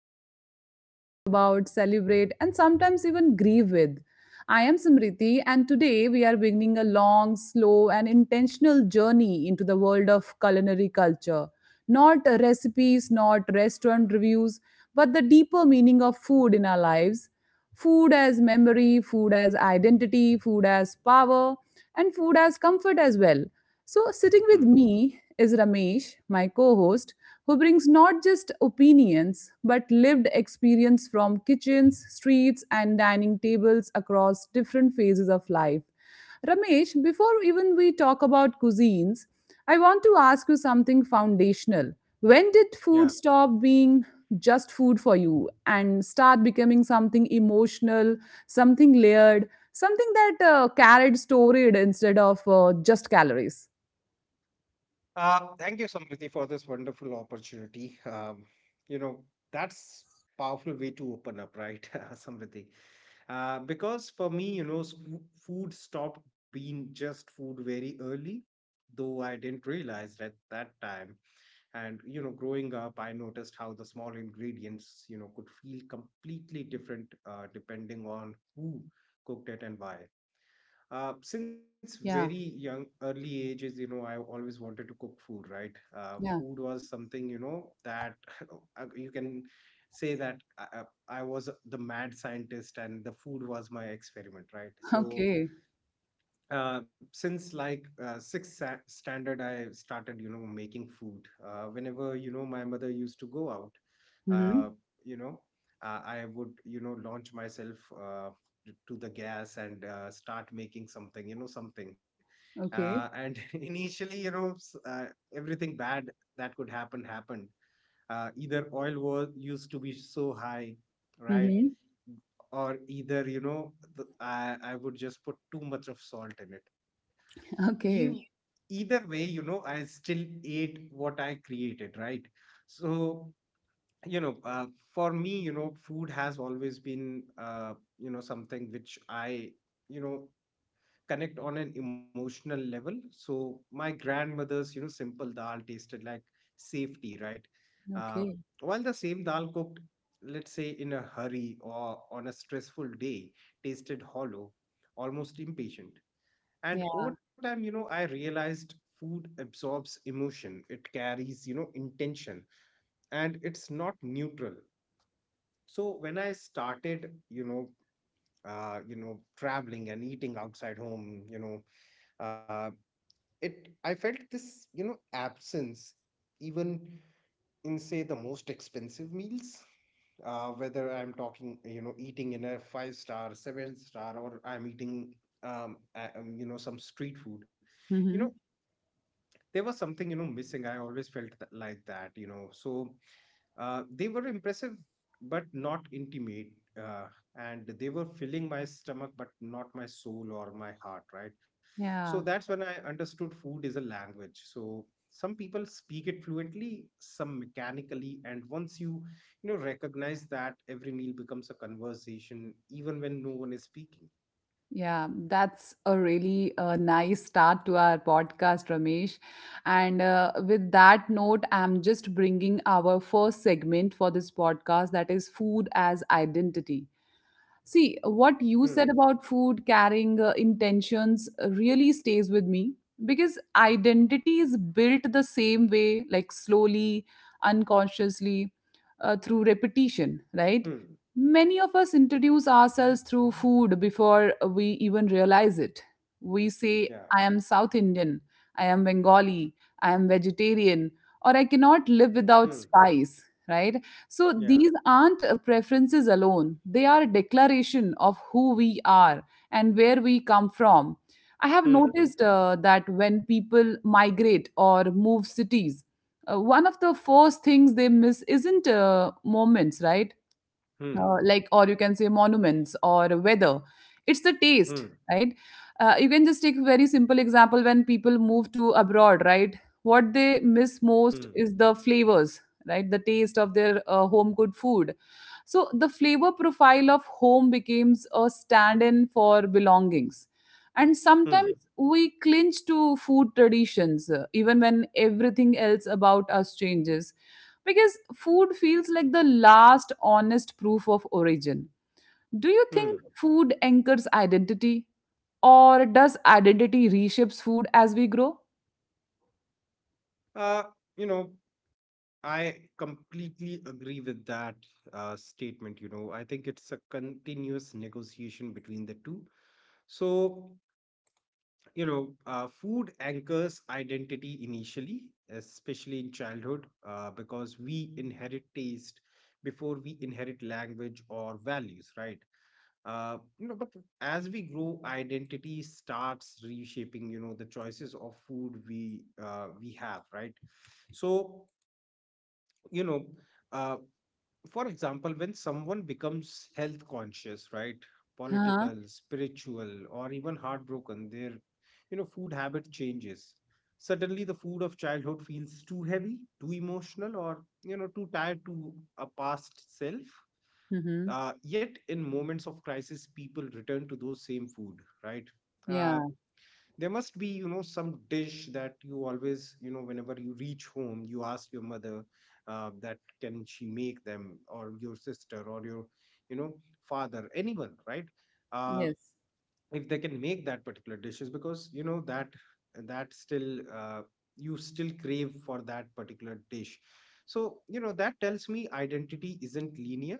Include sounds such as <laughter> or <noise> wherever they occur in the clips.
remember, argue about, celebrate, and sometimes even grieve with. I am Samriti, and today we are beginning a long, slow, and intentional journey into the world of culinary culture. Not recipes, not restaurant reviews, but the deeper meaning of food in our lives, food as memory, food as identity, food as power, and food as comfort as well. So, sitting with Hmm. me is Ramesh, my co host, who brings not just opinions but lived experience from kitchens, streets, and dining tables across different phases of life. Ramesh, before even we talk about cuisines, I want to ask you something foundational. When did food Yeah. stop being just food for you and start becoming something emotional, something layered, something that carried storage instead of just calories? Thank you, Samriti, for this wonderful opportunity. You know, that's powerful way to open up, right, <laughs> Samriti? Because for me, food stopped being just food very early, though I didn't realize at that time. Growing up, I noticed how the small ingredients, you know, could feel completely different depending on who cooked it and why. Since very Yeah, young, early ages, you know, I always wanted to cook food, right? Yeah. Food was something, you know, that <laughs> you can say that I was the mad scientist and the food was my experiment, right? So Okay. uh, since sixth standard, I started, you know, making food. Whenever, you know, my mother used to go out, uh, Mm-hmm. you know, I would, you know, launch myself uh, to the gas and start making something, you know, something. Okay. And <laughs> initially, everything bad that could happen happened: either oil was used to be so high, right, Mm-hmm. or either you know I would just put too much of salt in it. <laughs> Okay. Either way, you know, I still ate what I created, right? so you know uh, for me, you know, food has always been you know something which I you know connect on an emotional level. So my grandmother's, you know, simple dal tasted like safety, right? Uh, Okay. while the same dal cooked, let's say in a hurry or on a stressful day, tasted hollow, almost impatient. And Yeah. over time, you know, I realized food absorbs emotion. It carries, you know, intention, and it's not neutral. So when I started, traveling and eating outside home, you know, uh, it I felt this, you know, absence even in, say, the most expensive meals, whether I'm talking, you know, eating in a five star, seven star, or I'm eating you know, some street food, you know, Mm-hmm. there was something, you know, missing. I always felt that, like that, you know. So they were impressive, but not intimate. Uh, and they were filling my stomach, but not my soul or my heart, right? So Yeah. that's when I understood food is a language. So some people speak it fluently, some mechanically. And once you, you know, recognize that, every meal becomes a conversation, even when no one is speaking. Yeah, that's a really nice start to our podcast, Ramesh. And with that note, I'm just bringing our first segment for this podcast, that is food as identity. See, what you said Hmm, about food carrying intentions really stays with me, because identity is built the same way, like slowly, unconsciously, through repetition, right? hmm, Many of us introduce ourselves through food before we even realize it. We say, yeah, I am South Indian, I am Bengali, I am vegetarian, or I cannot live without hmm, spice, right? So yeah, these aren't preferences alone, they are a declaration of who we are and where we come from. I have hmm, noticed that when people migrate or move cities, one of the first things they miss isn't moments, right? uh, hmm, like or you can say, monuments or weather. It's the taste, hmm, right? You can just take a very simple example. When people move to abroad, right, what they hmm, miss most is the flavors, right? The taste of their home cooked food. So the flavor profile of home becomes a stand-in for belongings, and hmm, sometimes we clinch to food traditions even when everything else about us changes, because food feels like the last honest proof of origin. Do you hmm. think food anchors identity? Or does identity reshapes food as we grow? Uh, you know, I completely agree with that statement. You know, I think it's a continuous negotiation between the two. So, Food anchors identity initially, especially in childhood, because we inherit taste before we inherit language or values, right? But as we grow, identity starts reshaping, you know, the choices of food we have, right? So, you know. Uh, for example, when someone becomes health conscious, right, Huh? political, spiritual, or even heartbroken, their, you know, food habit changes. Suddenly, the food of childhood feels too heavy, too emotional, or, you know, too tied to a past self. Mm-hmm. Yet, in moments of crisis, people return to those same food, right? Uh, Yeah. there must be, you know, some dish that you always, you know, whenever you reach home, you ask your mother, that can she make them, or your sister, or your, you know, father, anyone, right? uh, Yes. if they can make that particular dishes, because you know that that still you still crave for that particular dish. So, you know, that tells me identity isn't linear.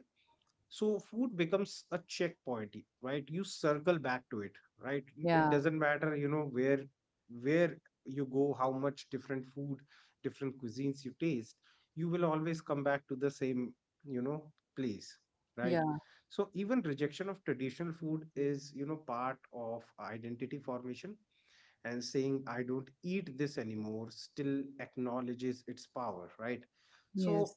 So food becomes a checkpoint, right? You circle back to it, right? It Yeah. doesn't matter, you know, where you go, how much different food, different cuisines you taste, you will always come back to the same, you know, place, right? Yeah. So even rejection of traditional food is, you know, part of identity formation, and saying I don't eat this anymore still acknowledges its power, right? So Yes.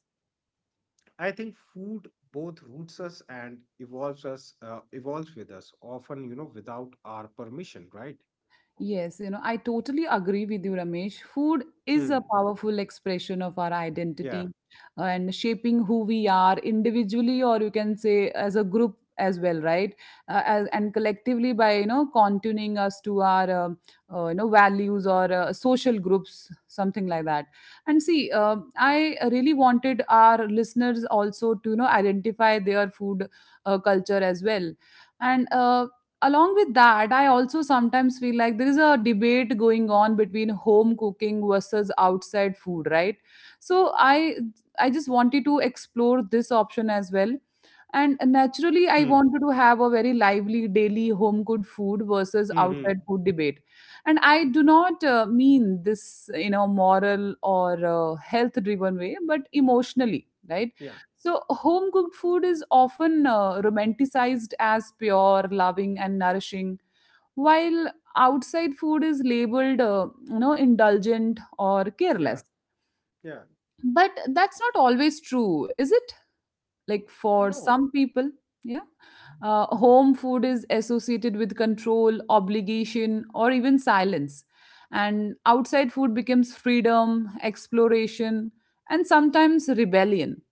I think food both roots us and evolves with us, often, you know, without our permission, right? Yes, I totally agree with you, Ramesh. Food is Hmm. a powerful expression of our Yeah. identity and shaping who we are individually, or you can say as a group as well, right? As, and collectively by, you know, contuning us to our, values or social groups, something like that. And see, I really wanted our listeners also to, identify their food culture as well, and along with that, I also sometimes feel like there is a debate going on between home cooking versus outside food, right? So I just wanted to explore this option as well, and naturally I Hmm. wanted to have a very lively daily home cooked food versus Hmm. Hmm. outside food debate. And I do not mean this in a moral or health driven way, but emotionally, right? Yeah. So, home cooked food is often romanticized as pure, loving, and nourishing, while outside food is labeled, indulgent or careless. Yeah. Yeah. But that's not always true, is it? Like for No. some people, yeah, home food is associated with control, obligation, or even silence, and outside food becomes freedom, exploration, and sometimes rebellion.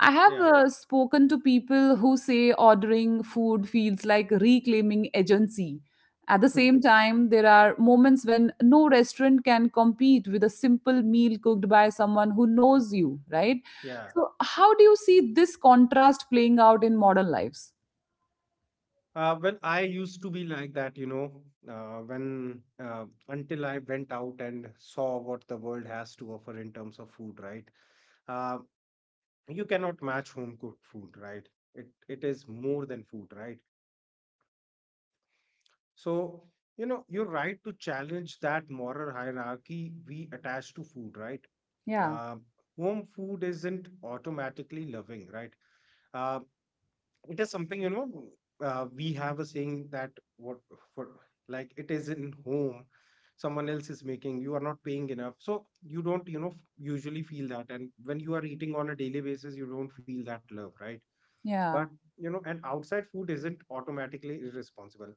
I have Yeah. <laughs> Spoken to people who say ordering food feels like reclaiming agency. At the Hmm. same time, there are moments when no restaurant can compete with a simple meal cooked by someone who knows you, right? Yeah. So, how do you see this contrast playing out in modern lives? When I used to be like that, you know, when until I went out and saw what the world has to offer in terms of food, right? Uh, you cannot match home cooked food, right? It is more than food, right? So, you know, you're right to challenge that moral hierarchy we attach to food, right? Yeah, Um, Home food isn't automatically loving, right? Uh, it is something, you know, we have a saying that what for, like, it is in home, someone else is making, you are not paying enough. So you don't, you know, usually feel that. And when you are eating on a daily basis, you don't feel that love, right? But, yeah. you know, and outside food isn't automatically irresponsible.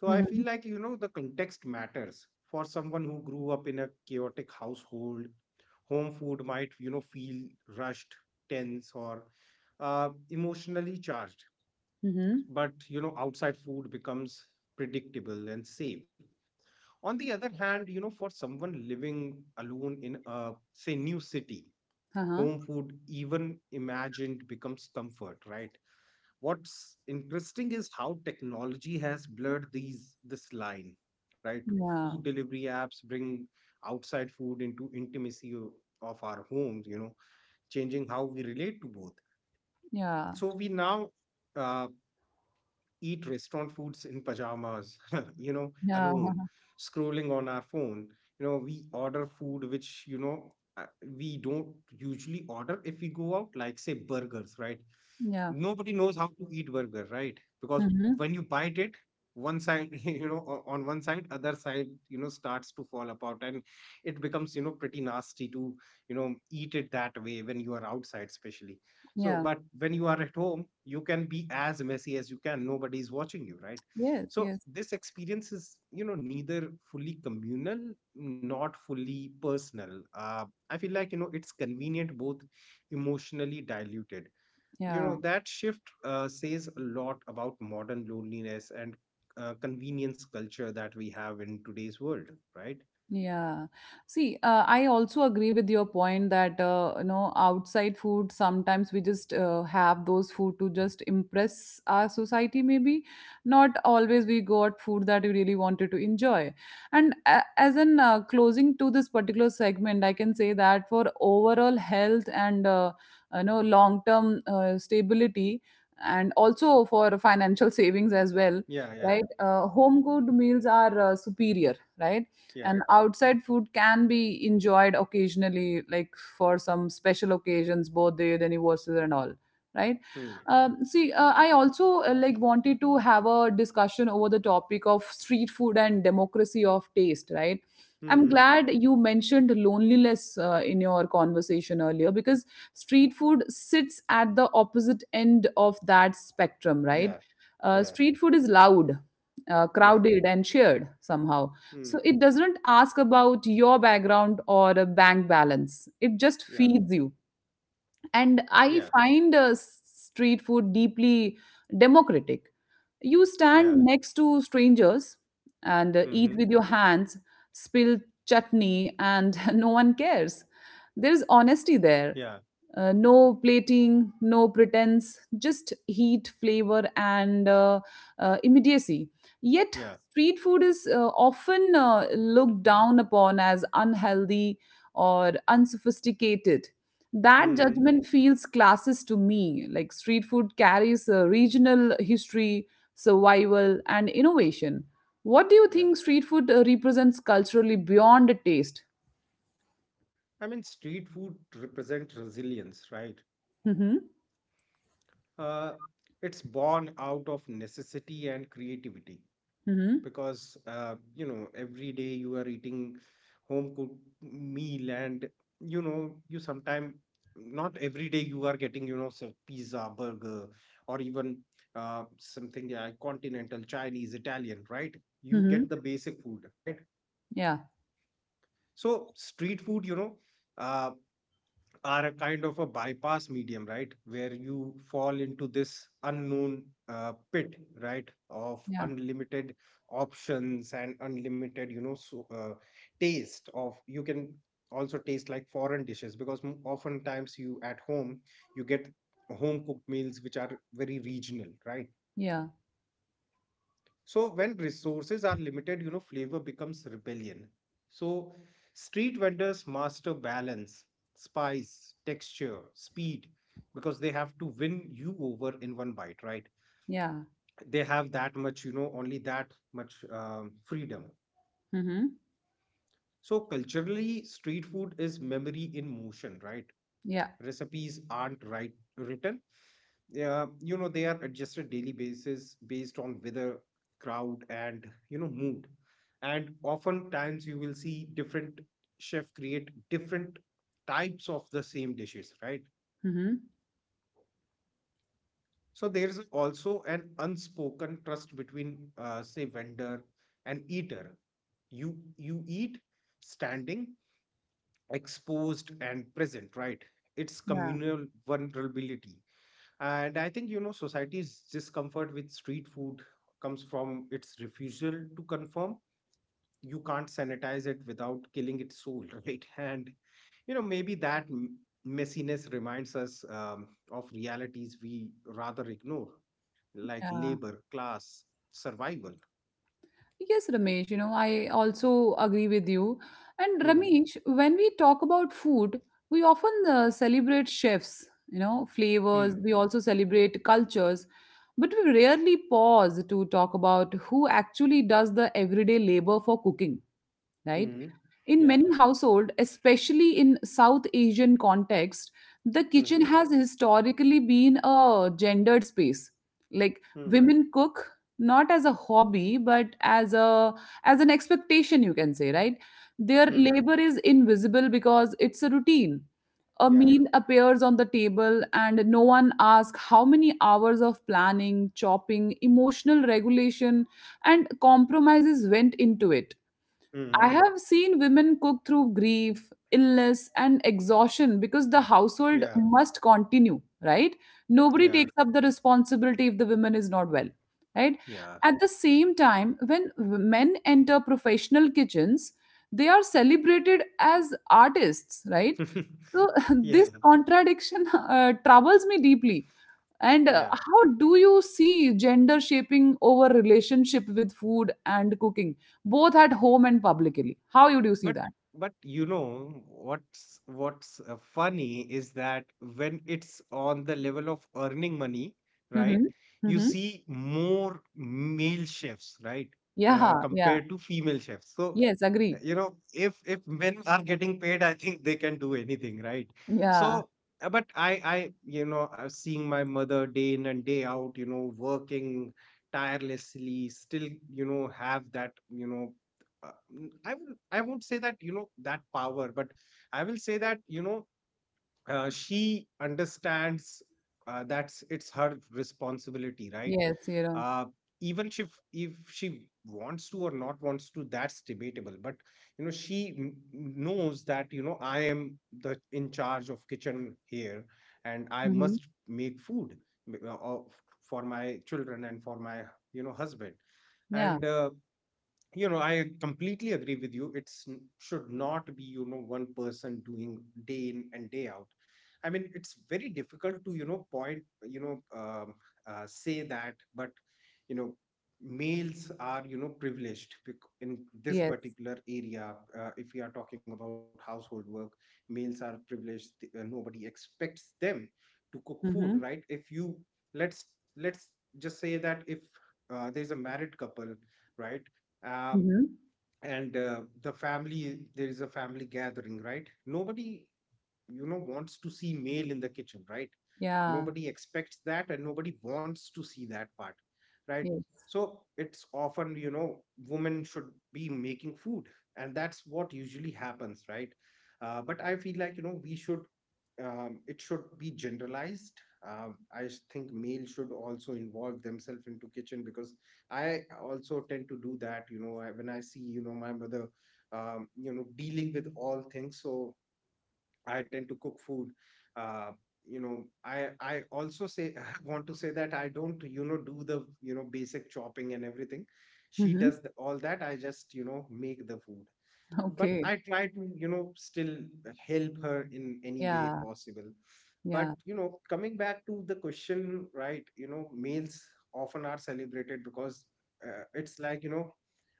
So I Mm-hmm. feel like, you know, the context matters. For someone who grew up in a chaotic household, home food might, you know, feel rushed, tense, or emotionally charged. Mm-hmm. But, you know, outside food becomes predictable and safe. On the other hand, you know, for someone living alone in a, say, new city, Uh-huh. home food, even imagined, becomes comfort, right? What's interesting is how technology has blurred these this line, right? Food Yeah, delivery apps bring outside food into intimacy of our homes, you know, changing how we relate to both. yeah, So we now uh, eat restaurant foods in pajamas <laughs> you know, yeah, alone, scrolling on our phone. You know, we order food which, you know, we don't usually order if we go out, like, say, burgers, right? <laughs> yeah. Nobody knows how to eat burger, right? Because Mm-hmm. when you bite it, one side, <laughs> you know, on one side, other side, you know, starts to fall apart, and it becomes, you know, pretty nasty to, you know, eat it that way when you are outside, especially. So, Yeah, but when you are at home, you can be as messy as you can. Nobody is watching you, right? yes, So yes, this experience is, you know, neither fully communal, not fully personal. I feel like, you know, it's convenient, both emotionally diluted. You yeah. know, that shift says a lot about modern loneliness and convenience culture that we have in today's world, right? Yeah. See, I also agree with your point that, outside food, sometimes we just have those food to just impress our society, maybe. Not always we got food that we really wanted to enjoy. And a as an closing to this particular segment, I can say that for overall health and, long term stability, and also for financial <laughs> savings as well, Yeah, yeah, right? Home cooked meals are superior, right? yeah. And outside food can be enjoyed occasionally, like for some special occasions, birthday the anniversaries and all, right? Hmm. See, I also like wanted to have a discussion over the topic of street food and democracy of taste, right? Hmm. I'm Hmm. glad you mentioned loneliness in your conversation earlier, because street food sits at the opposite end of that spectrum, Yeah. right? Yeah. Street food is loud, Yeah. crowded, and shared somehow. Hmm. So it doesn't ask about your background or a bank balance. It just Yeah. feeds you. And I Yeah. find street food deeply democratic. You Yeah. stand next to strangers and eat Hmm. with your hands, spill chutney, and <laughs> no one cares. There is honesty there, Yeah. No plating, no pretense, just heat, flavor, and immediacy. Yet, Yeah. street food is often looked down upon as unhealthy or unsophisticated. That Hmm. judgment feels classes to me. Like street food carries a regional history, survival, and innovation. What do you Yeah. think street food represents culturally beyond a taste? I mean, street food represents resilience, right? Mm-hmm. Uh, it's born out of necessity and creativity. Mm-hmm. Because, you know, every day you are eating home cooked meal, and, you know, you sometimes, not every day you are getting, you know, some pizza, burger, or even something like continental, chinese, italian, right? You get Mm-hmm. the basic food, right? Yeah. So street food, uh, are a kind of a bypass medium, right? Where you fall into this unknown pit, right, of Yeah. unlimited options and unlimited, you know, so, taste of, you can also taste like foreign dishes, because oftentimes you at home, you get home cooked meals which are very regional, right? Yeah. So when resources are limited, you know, flavor becomes rebellion. So street vendors master balance, spice, texture, speed, because they have to win you over in one bite, right? Yeah. They have that much, you know, only that much freedom. Mhm. So culturally, street food is memory in motion, right? Yeah. Recipes aren't written, yeah, you know, they are adjusted daily basis based on weather, crowd, and, you know, mood. And oftentimes you will see different chef create different types of the same dishes, right? Mhm. So there's also an unspoken trust between, say, vendor and eater. You eat standing, exposed, and present, right? It's Yeah. communal vulnerability. And I think, you know, society's discomfort with street food comes from its refusal to conform. You can't sanitize it without killing its soul, <laughs> right? And, you know, maybe that messiness reminds us of realities we rather ignore, like Yeah. labor, class, survival. Yes, Ramesh, you know, I also agree with you. And Hmm. Ramesh, when we talk about food, we often celebrate chefs, flavors, Hmm. we also celebrate cultures, but we rarely pause to talk about who actually does the everyday labor for cooking, right? Hmm. In Yeah. many households, especially in South Asian context, the kitchen Hmm. has historically been a gendered space. Like Hmm. women cook not as a hobby, but as an expectation, you can say, right? Their Hmm. labor is invisible because it's a routine. A Yeah. meal appears on the table, and no one asks how many hours of planning, chopping, emotional regulation, and compromises went into it. I Hmm. have seen women cook through grief, illness, and exhaustion because the household Yeah. must continue, right? Nobody Yeah. takes up the responsibility if the woman is not well, right? Yeah. At the same time, when men enter professional kitchens, they are celebrated as artists, right? <laughs> So, <laughs> Yeah. this contradiction troubles me deeply, and Yeah. how do you see gender shaping over relationship with food and cooking, both at home and publicly? How you do you see But that? but you know what's funny is that when it's on the level of earning money, right? Hmm, You hmm. see more male chefs, right? Yeah, yeah, Compared to female chefs. So yes, agree. you know, if men are getting paid, I think they can do anything, right? Yeah, So, but I you know, I'm seeing my mother day in and day out, you know, working tirelessly, still, you know, have that, you know, I will, I won't say that, you know, that power, but I will say that, you know, she understands that's it's her responsibility, right? yes, you know. Uh, Even if she wants to or not wants to, that's debatable. But you know she knows that you know I am the in charge of kitchen here, and I Hmm. must make food uh, of- for my children and for my you know husband Yeah, and you know I completely agree with you, it's should not be you know one person doing day in and day out. I mean it's very difficult to you know point you know say that, but you know males are you know privileged in this yes. particular area. If we are talking about household work, males are privileged nobody expects them to cook food, Hmm. right? If you let's just say that if there is a married couple, right? Um, Hmm. and The family, there is a family gathering, right? Nobody you know wants to see male in the kitchen, right? Yeah, Nobody expects that and nobody wants to see that part, right? yes. So it's often you know women should be making food, and that's what usually happens, right? But I feel like, you know, we should, it should be generalized. I think male should also involve themselves into kitchen, because I also tend to do that. You know, when I see you know my mother you know dealing with all things, so I tend to cook food. Uh, you know, I also say <laughs> I want to say that I don't you know do the you know basic chopping and everything. She Hmm. <laughs> does the, all that. I just you know make the food, but Okay. I try to, you know, still help her in any way Yeah, possible. But, yeah. you know, coming back to the question, right, you know, males often are celebrated because it's like, you know,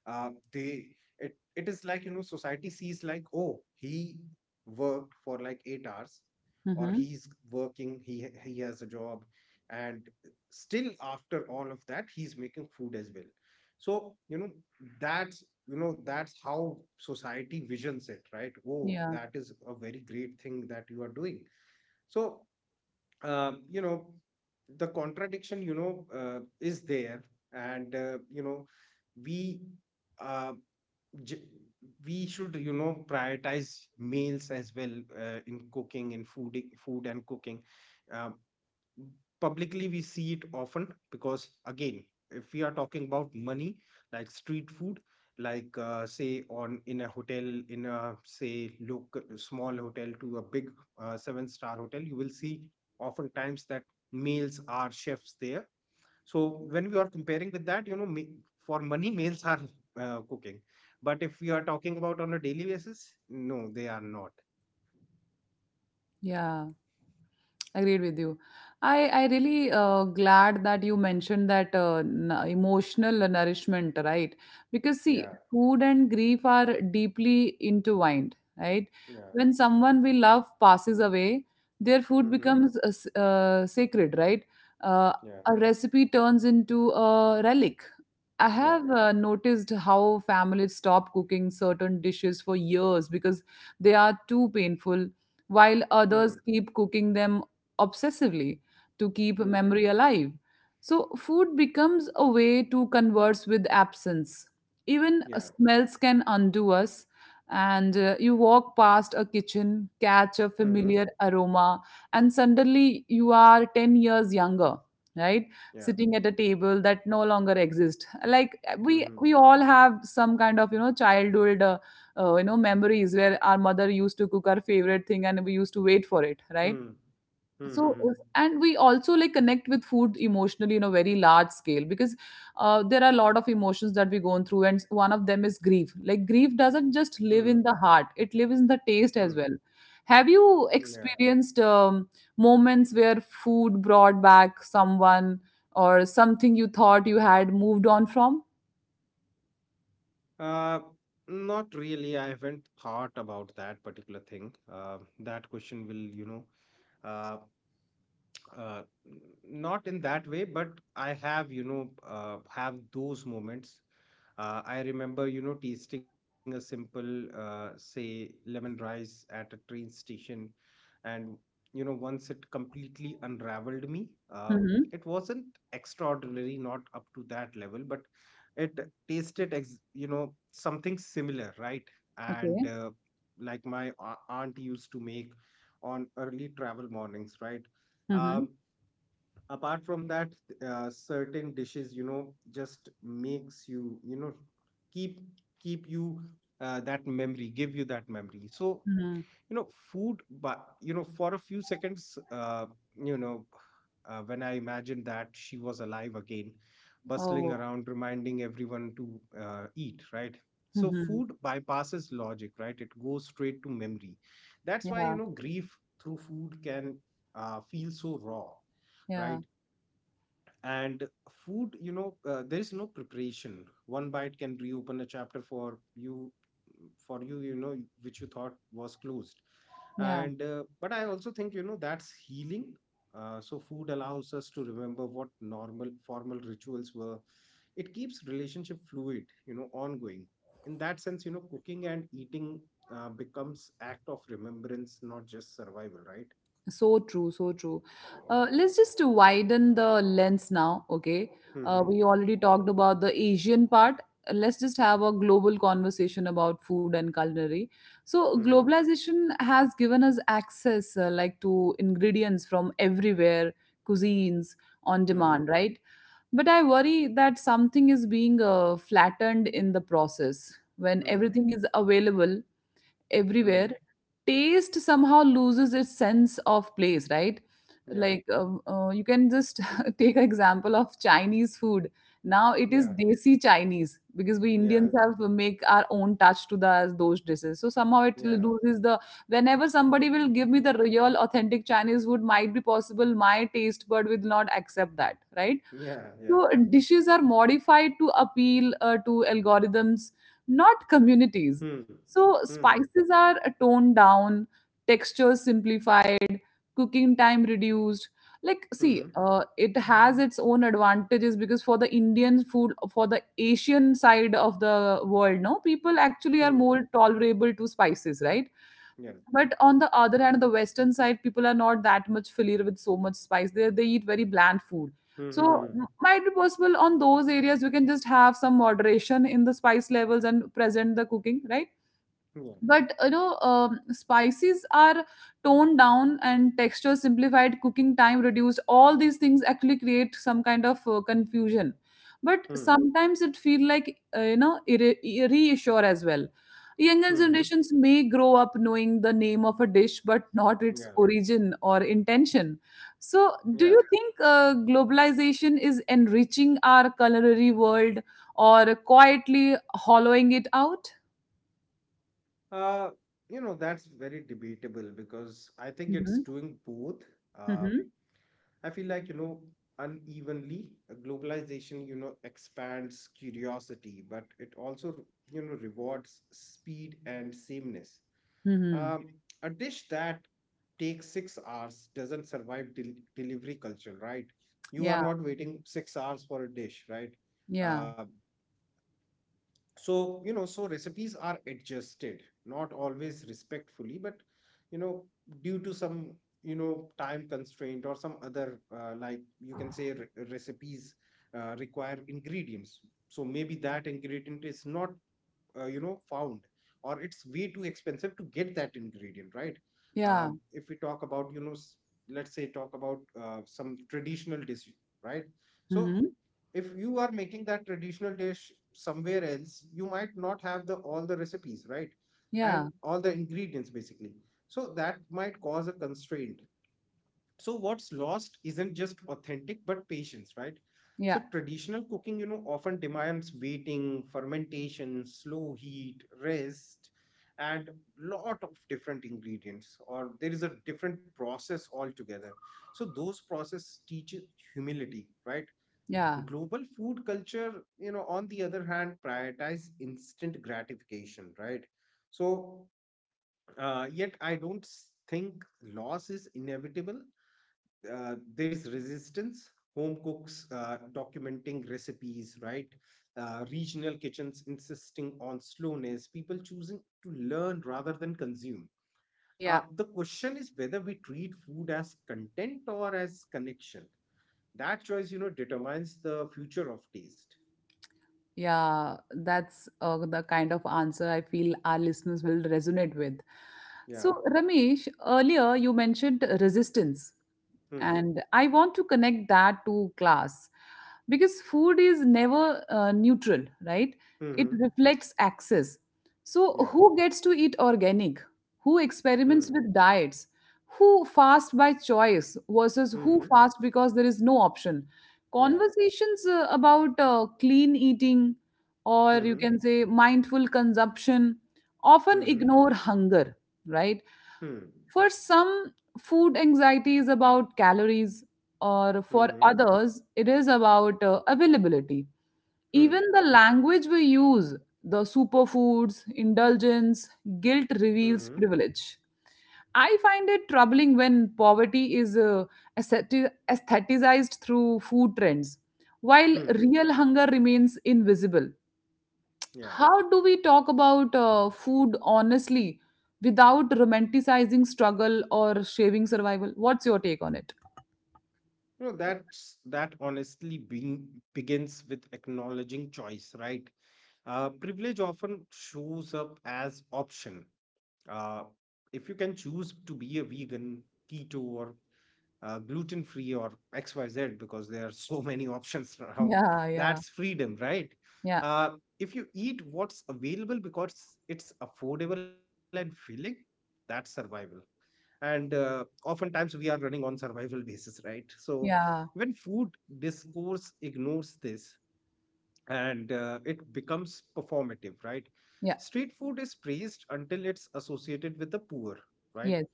uh, they, it is like, you know, society sees like, oh, he worked for like 8 hours, or Hmm. he's working, he has a job. And still after all of that, he's making food as well. So, you know, that you know that's how society visions it, right? Oh, Yeah, that is a very great thing that you are doing. So you know the contradiction, you know, is there, and you know we, uh, j- we should you know prioritize meals as well in cooking, in food, and cooking. um, Publicly we see it often, because again, if we are talking about money, like street food, like say on in a hotel, in a say local small hotel to a big seven-star hotel, you will see oftentimes that males are chefs there. So when we are comparing with that, you know, for money males are cooking, but if we are talking about on a daily basis, no they are not. yeah. Agreed with you. I really glad that you mentioned that, emotional nourishment, right? Because see, Yeah, food and grief are deeply intertwined, right? yeah. When someone we love passes away, their food Mm-hmm. becomes sacred, right? uh, Yeah, a recipe turns into a relic. I yeah. have noticed how families stop cooking certain dishes for years because they are too painful, while others keep cooking them obsessively to keep Mm-hmm. memory alive. So, food becomes a way to converse with absence. Even Yeah. smells can undo us, and you walk past a kitchen, catch a Mm-hmm. familiar aroma, and suddenly you are 10 years younger, right? Yeah. Sitting at a table that no longer exists, like we Mm-hmm. we all have some kind of childhood memories where our mother used to cook our favorite thing, and we used to wait for it, Hmm. right? Hmm. So Hmm. And we also like connect with food emotionally in a very large scale, because there are a lot of emotions that we go through, and one of them is grief. Like grief doesn't just live Hmm. in the heart, it lives in the taste Hmm. as well. Have you Yeah. experienced moments where food brought back someone or something you thought you had moved on from? Uh, Not really. I haven't thought about that particular thing. That question will, you know, uh, uh, n- not in that way, but I have, you know, have those moments. I remember, you know, tasting a simple, say, lemon rice at a train station. And, you know, once it completely unraveled me. Mm-hmm. It wasn't extraordinary, not up to that level, but it tasted, you know, something similar, right? And Okay. Like my aunt used to make on early travel mornings, right? Mm-hmm. Um, Apart from that, certain dishes you know just makes you, you know, keep keep you, that memory, give you that memory, so Mm-hmm. you know food, but you know, for a few seconds, you know when I imagined that she was alive again, bustling Oh. around, reminding everyone to eat, right? So Mm-hmm. food bypasses logic, right? It goes straight to memory. That's why, Yeah. you know, grief through food can feel so raw, Yeah. right? And food, you know, there is no preparation, one bite can reopen a chapter for you, you know, which you thought was closed. Yeah. And But I also think, you know, that's healing. So food allows us to remember what normal formal rituals were. It keeps relationship fluid, you know, ongoing. In that sense, you know, cooking and eating becomes act of remembrance, not just survival, right? So true, so true. Let's just widen the lens now, okay? Mm-hmm. We already talked about the Asian part. Let's just have a global conversation about food and culinary. So, Mm-hmm. globalization has given us access like to ingredients from everywhere, cuisines on Mm-hmm. demand, right? But I worry that something is being flattened in the process. When Mm-hmm. everything is available, everywhere, taste somehow loses its sense of place, right? Yeah. Like you can just <laughs> take an example of chinese food. Now it is Yeah, desi chinese because we indians yeah, have make our own touch to the those dishes, so somehow it yeah, loses the whenever somebody will give me the real authentic chinese food, might be possible my taste bud will not accept that, right? yeah, yeah. So dishes are modified to appeal to algorithms, not communities. Hmm. So Mm-hmm. spices are toned down, textures simplified, cooking time reduced. Hmm. It has its own advantages because for the Indian food, for the Asian side of the world, no, people actually are Hmm. more tolerable to spices, right? Yeah. But on the other hand, the Western side, people are not that much familiar with so much spice. They eat very bland food. So Mm-hmm. Might be possible on those areas we can just have some moderation in the spice levels and present the cooking, right? Yeah. But spices are toned down and texture simplified cooking time reduced, all these things actually create some kind of confusion, but Hmm. sometimes it feel like reassure as well. Younger Hmm. generations may grow up knowing the name of a dish but not its Yeah. origin or intention. So do Yeah. you think globalization is enriching our culinary world or quietly hollowing it out? Uh, you know, that's very debatable because I think it's Mhm. doing both. Uh, Mhm. I feel like, you know, unevenly, globalization, you know, expands curiosity, but it also, you know, rewards speed and sameness. Mhm. Um, a dish that takes 6 hours doesn't survive delivery culture, right? You are Yeah, not waiting 6 hours for a dish, right? yeah, Uh, so you know, so recipes are adjusted, not always respectfully, but you know, due to some you know time constraint or some other, like you can say, recipes require ingredients. So maybe that ingredient is not, you know, found, or it's way too expensive to get that ingredient, right? yeah. If we talk about, you know, let's say, talk about some traditional dish, right? So Mhm. if you are making that traditional dish somewhere else, you might not have the all the recipes, right? Yeah, And all the ingredients basically, so that might cause a constraint. So what's lost isn't just authentic but patience, right? yeah, So traditional cooking, you know, often demands waiting, fermentation, slow heat, rest, and lot of different ingredients, or there is a different process altogether. So those process teach humility, right? yeah, Global food culture, you know, on the other hand, prioritize instant gratification, right? So yet I don't think loss is inevitable. There is resistance, home cooks documenting recipes, right? Regional kitchens insisting on slowness, people choosing to learn rather than consume. Yeah, The question is whether we treat food as content or as connection. That choice, you know, determines the future of taste. yeah. That's the kind of answer I feel our listeners will resonate with. Yeah. So, Ramesh, earlier you mentioned resistance. Mm-hmm. And I want to connect that to class, because food is never neutral, right? Mm-hmm. It reflects access. So Yeah. who gets to eat organic, who Mm. experiments with diets, who fast by choice versus who Mm-hmm. fast because there is no option? Yeah. Conversations about clean eating, or you Mm-hmm. can say mindful consumption, often Mm-hmm. ignore hunger, right? Mm-hmm. For some, food anxiety is about calories, or for Mm-hmm. others, it is about availability. Mm. Even the language we use, the superfoods, indulgence, guilt reveals Mm-hmm. privilege. I find it troubling when poverty is aestheticized through food trends, while Mm. real hunger remains invisible. Yeah. How do we talk about food honestly without romanticizing struggle or shaving survival? What's your take on it? No, that's that honestly being begins with acknowledging choice, right? Privilege often shows up as option. Uh, if you can choose to be a vegan, keto, or gluten free, or XYZ, because there are so <laughs> many options now, Yeah, yeah, that's freedom, right? yeah, Uh, if you eat what's available because it's affordable and filling, that's survival. And Oftentimes we are running on survival basis, right? So yeah, when food discourse ignores this, and it becomes performative, right? yeah, Street food is praised until it's associated with the poor, right? yes.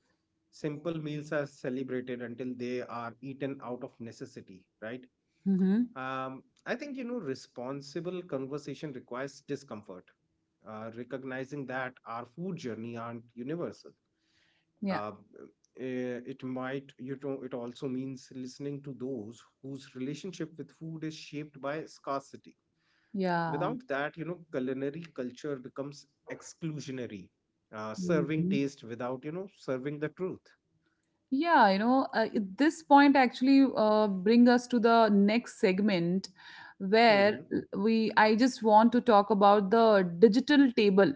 Simple meals are celebrated until they are eaten out of necessity, right? Mm-hmm. I think, you know, responsible conversation requires discomfort, recognizing that our food journey aren't universal. Yeah, uh, it might, you know, it also means listening to those whose relationship with food is shaped by scarcity. yeah. Without that, you know, culinary culture becomes exclusionary, serving Hmm. taste without, you know, serving the truth. Yeah, this point actually bring us to the next segment, where Hmm. we, I just want to talk about the digital table,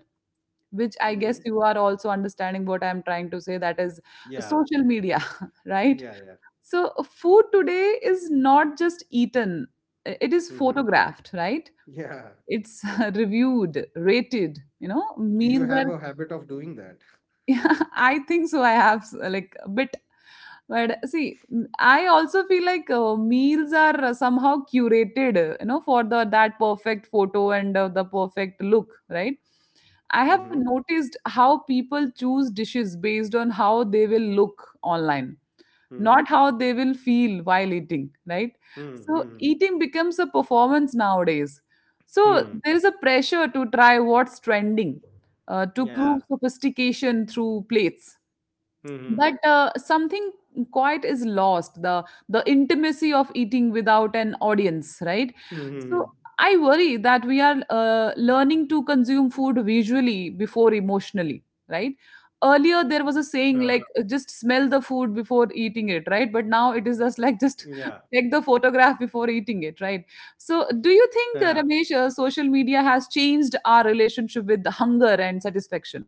which I Hmm. guess you are also understanding what I'm trying to say. That is Yeah. social media, <laughs> right? Yeah. Yeah. So, food today is not just eaten, it is Hmm. photographed, right? Yeah. It's <laughs> reviewed, rated, you know, Do you meals are, have a habit of doing that? <laughs> yeah, I think so. I have like a bit, but see, I also feel like meals are somehow curated, you know, for the that perfect photo and the perfect look, right? I have Hmm. noticed how people choose dishes based on how they will look online, Hmm. not how they will feel while eating, right? Hmm. So Hmm. eating becomes a performance nowadays. So Hmm. there is a pressure to try what's trending, to Yeah. prove sophistication through plates, Hmm. Hmm. but something quite is lost, the intimacy of eating without an audience, right? Hmm. Hmm, So hmm. I worry that we are learning to consume food visually before emotionally, right? Earlier there was Huh. a saying like just smell the food before eating it, right? But now it is just like Yeah. just <laughs> take the photograph before eating it, right? So do you Yeah. think, Ramesh, social media has changed our relationship with hunger and satisfaction?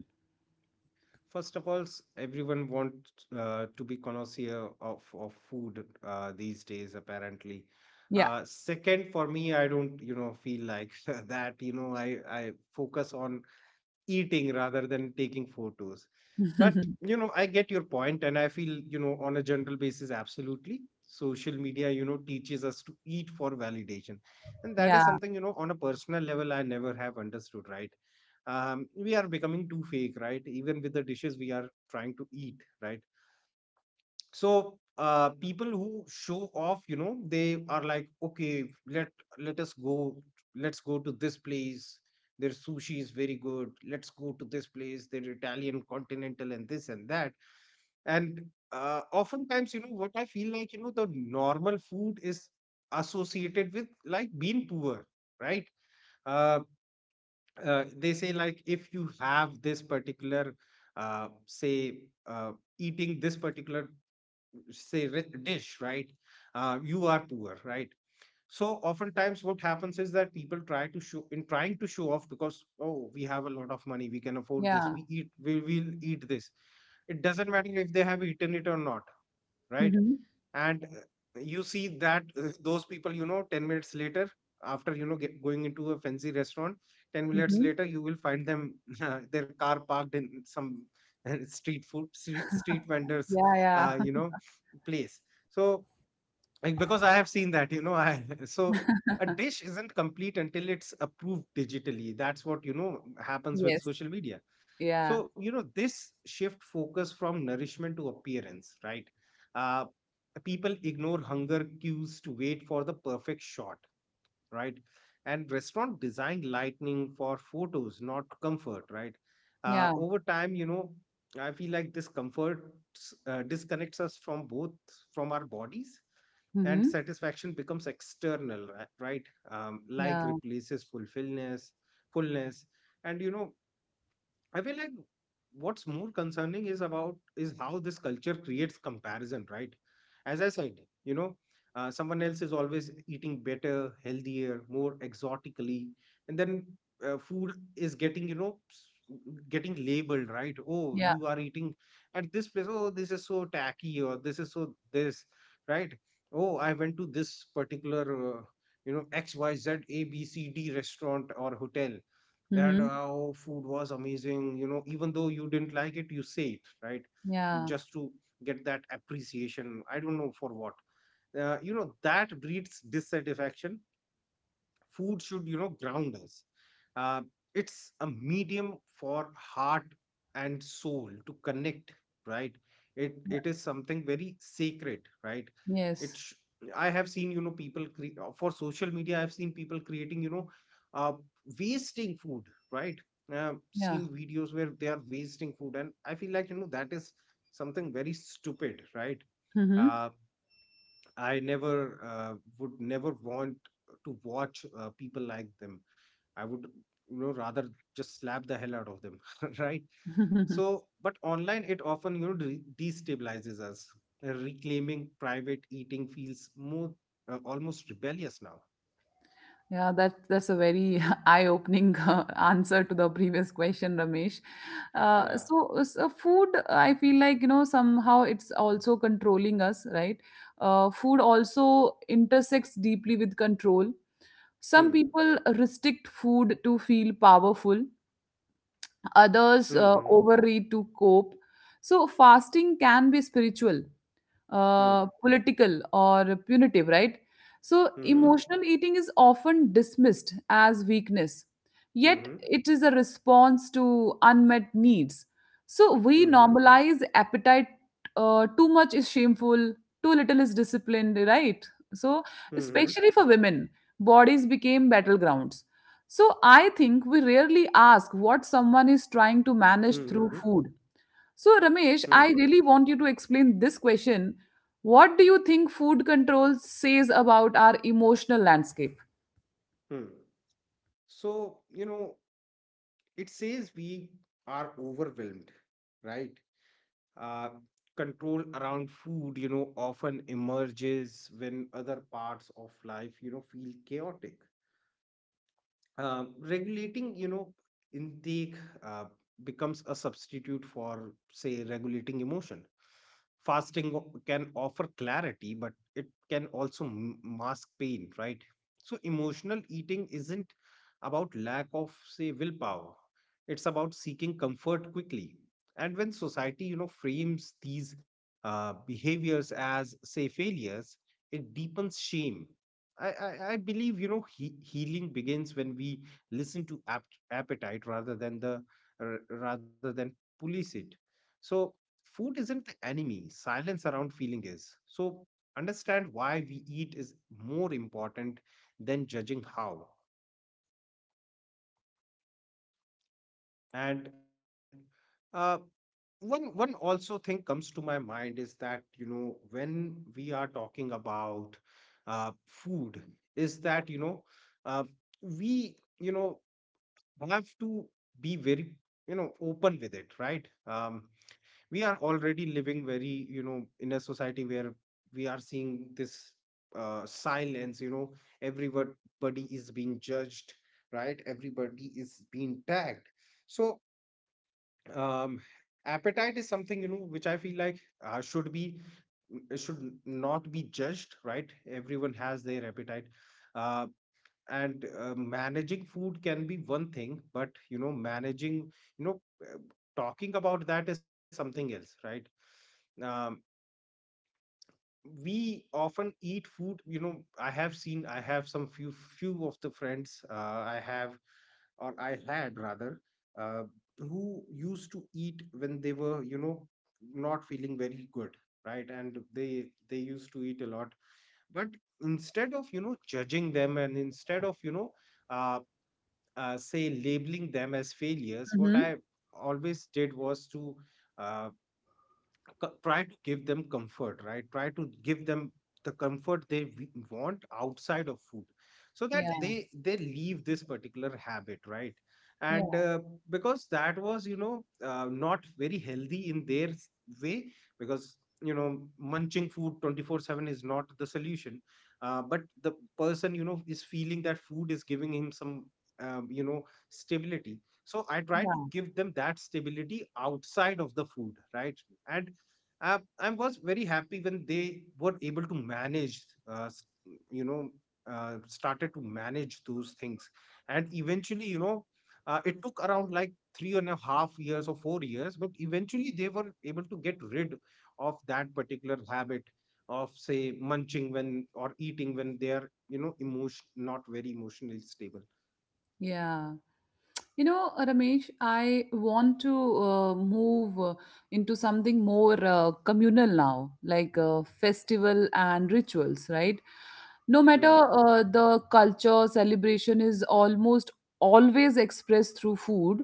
First of all, everyone wants to be connoisseur of food these days, apparently. Yeah. Second, for me, I don't, you know, feel like <laughs> that. You know, I focus on eating rather than taking photos. But <laughs> you know, I get your point, and I feel you know, on a general basis, absolutely. Social media, you know, teaches us to eat for validation, and that is Yeah, something, you know, on a personal level, I never have understood. Right? We are becoming too fake, right? Even with the dishes we are trying to eat, right? So people who show off, you know, they are like, okay, let let us go let's go to this place, their sushi is very good. Let's go to this place, their italian continental and this and that. And Oftentimes, you know, what I feel like, you know, the normal food is associated with like being poor, right? uh, they say like, if you have this particular say uh, eating this particular, say, rich dish, right? You are poor, right? So oftentimes what happens is that people try to show, in trying to show off, because, oh, we have a lot of money, we can afford this, yeah. We will eat this. It doesn't matter if they have eaten it or not, right? Mhm. And you see that, those people, you know, 10 minutes later, after, you know, going into a fancy restaurant, 10 minutes Mhm. later, you will find them, <laughs> their car parked in some street food, street vendors, Yeah, yeah. You <laughs> know, place. So like, because I have seen that, you know, I <laughs> so a dish isn't complete until it's approved digitally. That's what, you know, happens with Yes. social media. Yeah. So, you know, this shift focus from nourishment to appearance, right? Uh, People ignore hunger cues to wait for the perfect shot, right? And restaurant design lighting for photos, not comfort, right? Yeah. Over time, I feel like this comfort disconnects us from both, from our bodies, and Mhm. satisfaction becomes external, right? Like Yeah. replaces fullness, and I feel like what's more concerning is how this culture creates comparison, right? As I said, you know, someone else is always eating better, healthier, more exotically, and then food is getting, getting labeled, right? Oh, Yeah. you are eating at this place. Oh, this is so tacky, or this is so this, right? Oh, I went to this particular, X Y Z A B C D restaurant or hotel, and Mhm. how food was amazing, you know, even though you didn't like it, you say it, right? Yeah. Just to get that appreciation, I don't know for what. That breeds dissatisfaction. Food should ground us. uh, it's a medium for heart and soul to connect, right. it Yeah. it is something very sacred, right. Yes. it's I have seen, for social media, I've seen people creating, uh, wasting food, right. Seen Yeah. videos where they are wasting food, and I feel like that is something very stupid, right. Mhm. uh, I never would never want to watch people like them. I would, you know, rather just slap the hell out of them, <laughs> right? <laughs> So, but online it often, destabilizes us. Reclaiming private eating feels more, almost rebellious now. Yeah, that's a very <laughs> eye-opening answer to the previous question, Ramesh. Yeah. So food, I feel like, you know, somehow it's also controlling us, right? Food also intersects deeply with control. Some Hmm. people restrict food to feel powerful, others Hmm. Hmm. overeat to cope. So, fasting can be spiritual, political or punitive, right? So, Hmm. Hmm. emotional eating is often dismissed as weakness, yet, Hmm. it is a response to unmet needs. So, we normalize appetite, too much is shameful, too little is disciplined, right? So, Hmm. especially for women, bodies became battlegrounds. So, I think we rarely ask what someone is trying to manage Hmm. through food. So, Hmm. Ramesh, I really want you to explain this question. What do you think food control says about our emotional landscape? Hmm. So, it says we are overwhelmed, right. uh, Control around food often emerges when other parts of life feel chaotic. Regulating, intake uh, becomes a substitute for, say, regulating emotion. Fasting can offer clarity, but it can also mask pain, right. So emotional eating isn't about lack of, say, willpower. It's about seeking comfort quickly. And when society frames these behaviors as, say, failures, it deepens shame. I believe, healing begins when we listen to appetite rather than r- rather than police it. So food isn't the enemy. Silence around feeling is. So understand why we eat is more important than judging how. And uh, one also thing comes to my mind is that, when we are talking about food, is that you know uh, we, have to be very, open with it, right? We are already living very, in a society where we are seeing this silence. You know, everybody is being judged, right? Everybody is being tagged. So, um appetite is something, which I feel like should be, it should not be judged, right. Everyone has their appetite. uh, and managing food can be one thing, but managing, you know uh, talking about that is something else, right. um, we often eat food, I have some few of the friends I have, or I had rather, uh, who used to eat when they were, not feeling very good, right. And they used to eat a lot. But instead of judging them, and instead of uh, say, labeling them as failures, what I Hmm. always did was to uh, try to give them comfort, right. Try to give them the comfort they want outside of food so that Yeah, they leave this particular habit, right. yeah, And because that was, not very healthy in their way. Because you know munching food 24/7 is not the solution. But the person is feeling that food is giving him some, um, you know stability. So I try to yeah, give them that stability outside of the food, right. And I was very happy when they were able to manage, you know, started to manage those things. And eventually, it took around like 3.5 years or 4 years, but eventually they were able to get rid of that particular habit of, say, munching when, or eating when they are, you know, emotion not very emotionally stable. yeah. Ramesh, I want to move into something more communal now, like festival and rituals, right? No matter Hmm. The culture, celebration is almost always expressed through food.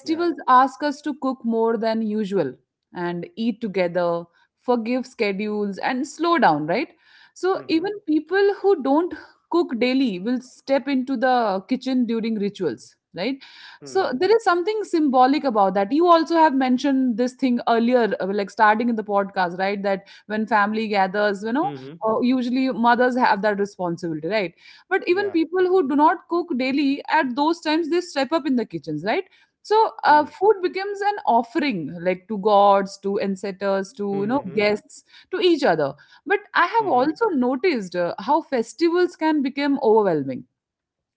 Yeah. ask us to cook more than usual and eat together, forgive schedules, and slow down, right? So Mm-hmm. even people who don't cook daily will step into the kitchen during rituals, right? So Mm-hmm. there is something symbolic about that. You also have mentioned this thing earlier, like starting in the podcast, right? That when family gathers, you know, Mm-hmm. Usually mothers have that responsibility, right? But Yeah. even people who do not cook daily, at those times they step up in the kitchens, right? So Hmm. food becomes an offering, like to gods, to ancestors, to Hmm. you Hmm. know guests, to each other. But I have Hmm. also noticed how festivals can become overwhelming,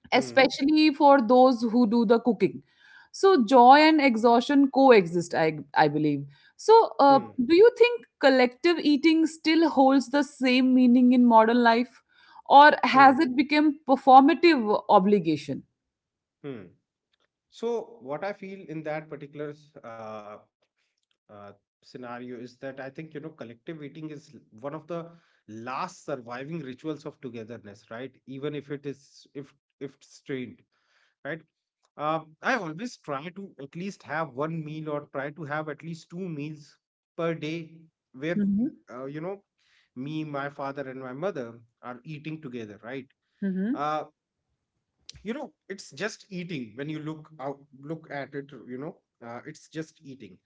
Hmm. especially for those who do the cooking. So joy and exhaustion coexist, I believe. So, Hmm. do you think collective eating still holds the same meaning in modern life, or Hmm. has it become performative obligation? Hmm. So what I feel in that particular uh, uh, scenario is that I think collective eating is one of the last surviving rituals of togetherness, right. Even if it is, if strained, right? I always try to at least have one meal, or try to have at least two meals per day, where Mm-hmm. uh, you know me, my father, and my mother are eating together, right? Mm-hmm. Uh, you know, it's just eating when you look at it, it's just eating.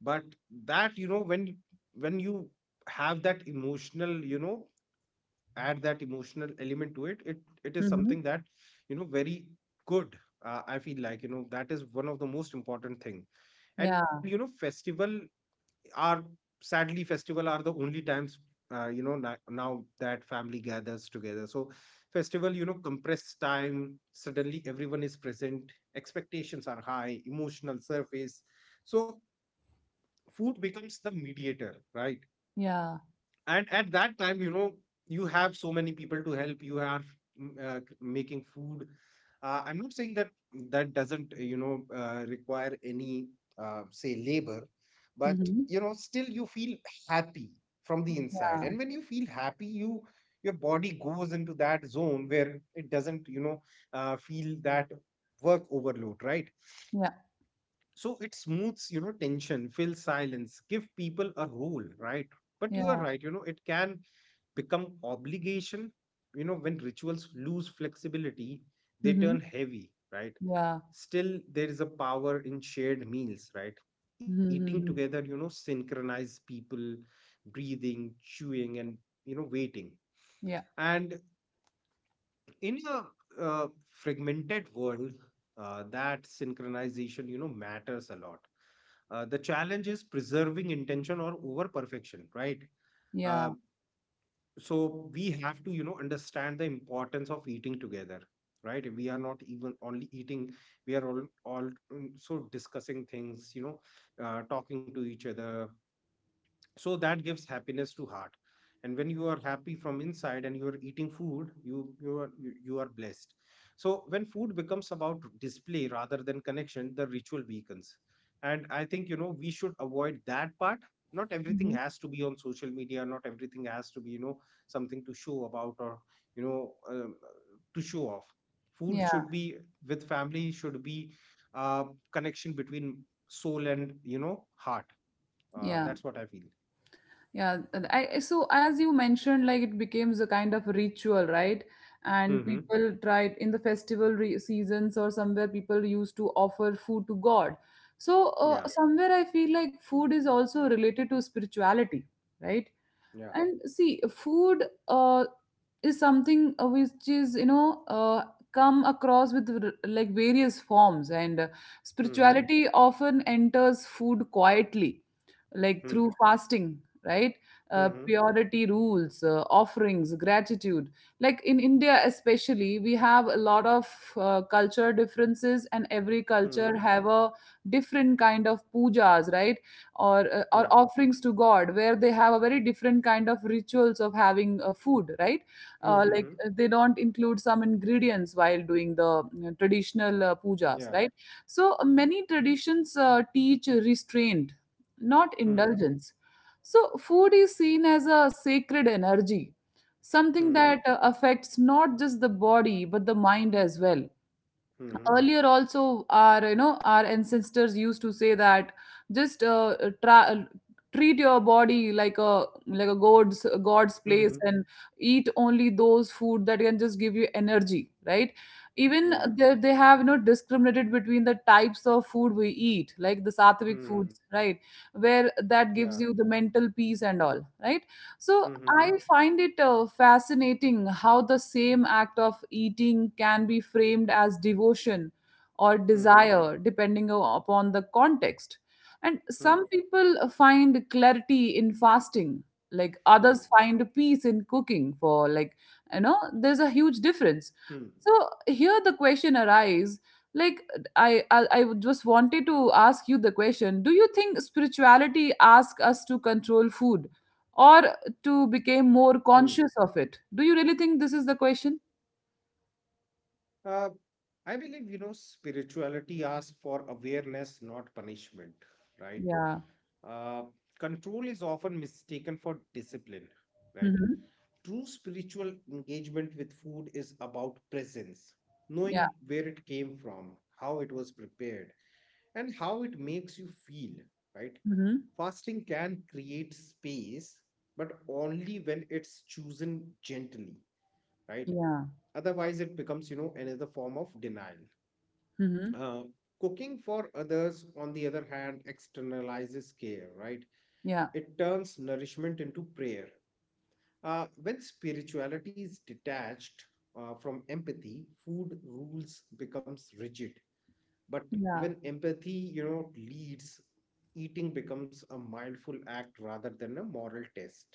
But that, when you have that emotional, add that emotional element to it is Mm-hmm. something that, very good. I feel like that is one of the most important thing. And Yeah. Are festival are the only times now that family gathers together. So festival, compress time. Suddenly everyone is present, expectations are high, emotional surface. So food becomes the mediator, right. Yeah. And at that time, you have so many people to help. You are, making food. I'm not saying that doesn't require any, say, labor. But Mm-hmm. Still, you feel happy from the inside, Yeah. and when you feel happy, your body goes into that zone where it doesn't feel that work overload, right. Yeah. So it smooths, tension, fill silence, give people a role, right. But you are Yeah. right, it can become obligation. When rituals lose flexibility, they Mm-hmm. turn heavy, right. Yeah. Still, there is a power in shared meals, right. Eating Mm-hmm. together synchronize people, breathing, chewing, and waiting. Yeah. And in a fragmented world, that synchronization matters a lot. The challenge is preserving intention or over perfection, right. Yeah. uh, so we have to, understand the importance of eating together, right. We are not even only eating, we are all also discussing things, talking to each other. So that gives happiness to heart. And when you are happy from inside and you are eating food, you are blessed. So when food becomes about display rather than connection, the ritual weakens. And I think, we should avoid that part. Not everything Mhm. has to be on social media, not everything has to be, something to show about, or you know um, to show off. Food Yeah, should be with family, should be uh, connection between soul and, heart. Yeah, That's what I feel. yeah. And I, so as you mentioned, like it becomes a kind of ritual, right? And Mhm. people tried in the festival seasons, or somewhere people used to offer food to God. So Yeah. somewhere I feel like food is also related to spirituality, right? Yeah. And see food is something which is you know come across with like various forms, and Mhm. spirituality often enters food quietly, like Hmm. through fasting, right? Mhm. purity rules, offerings, gratitude. Like in India, especially, we have a lot of culture differences, and every Mhm. culture have a different kind of pujas, right? Or Yeah. or offerings to God, where they have a very different kind of rituals of having food, right? uh, like Mhm. uh, they don't include some ingredients while doing the you know, traditional pujas, Yeah. right? So many traditions teach restraint, not Mhm. indulgence. So food is seen as a sacred energy, something Mhm. that affects not just the body but the mind as well. Mhm. Earlier also our you know our ancestors used to say that just tra- treat your body like a god's place, Mhm. and eat only those food that can just give you energy, right? Even Yeah. they have you know discriminated between the types of food we eat, like the sattvic Mhm. foods, right? Where Yeah. that gives you the mental peace and all, right? So Mhm. I find it fascinating how the same act of eating can be framed as devotion or Mhm. desire, depending upon the context. And Mhm. some people find clarity in fasting, like Hmm. others find peace in cooking, for like, you know, there's a huge difference. Hmm. So here the question arises, like, I just wanted to ask you the question, do you think spirituality asks us to control food or to become more Hmm. conscious of it? Do you really think this is the question? Uh, I believe, spirituality asks for awareness, not punishment, right? Yeah. Uh, Control is often mistaken for discipline, right? Hmm. True spiritual engagement with food is about presence, Yeah. knowing where it came from, how it was prepared, and how it makes you feel, right? Hmm. Fasting can create space, but only when it's chosen gently, right? Yeah. Otherwise, it becomes, you know, another form of denial. Hmm. Uh, Cooking for others, on the other hand, externalizes care, right? Yeah. It turns nourishment into prayer. When spirituality is detached from empathy, food rules becomes rigid. But Yeah. when empathy, leads, eating becomes a mindful act rather than a moral test.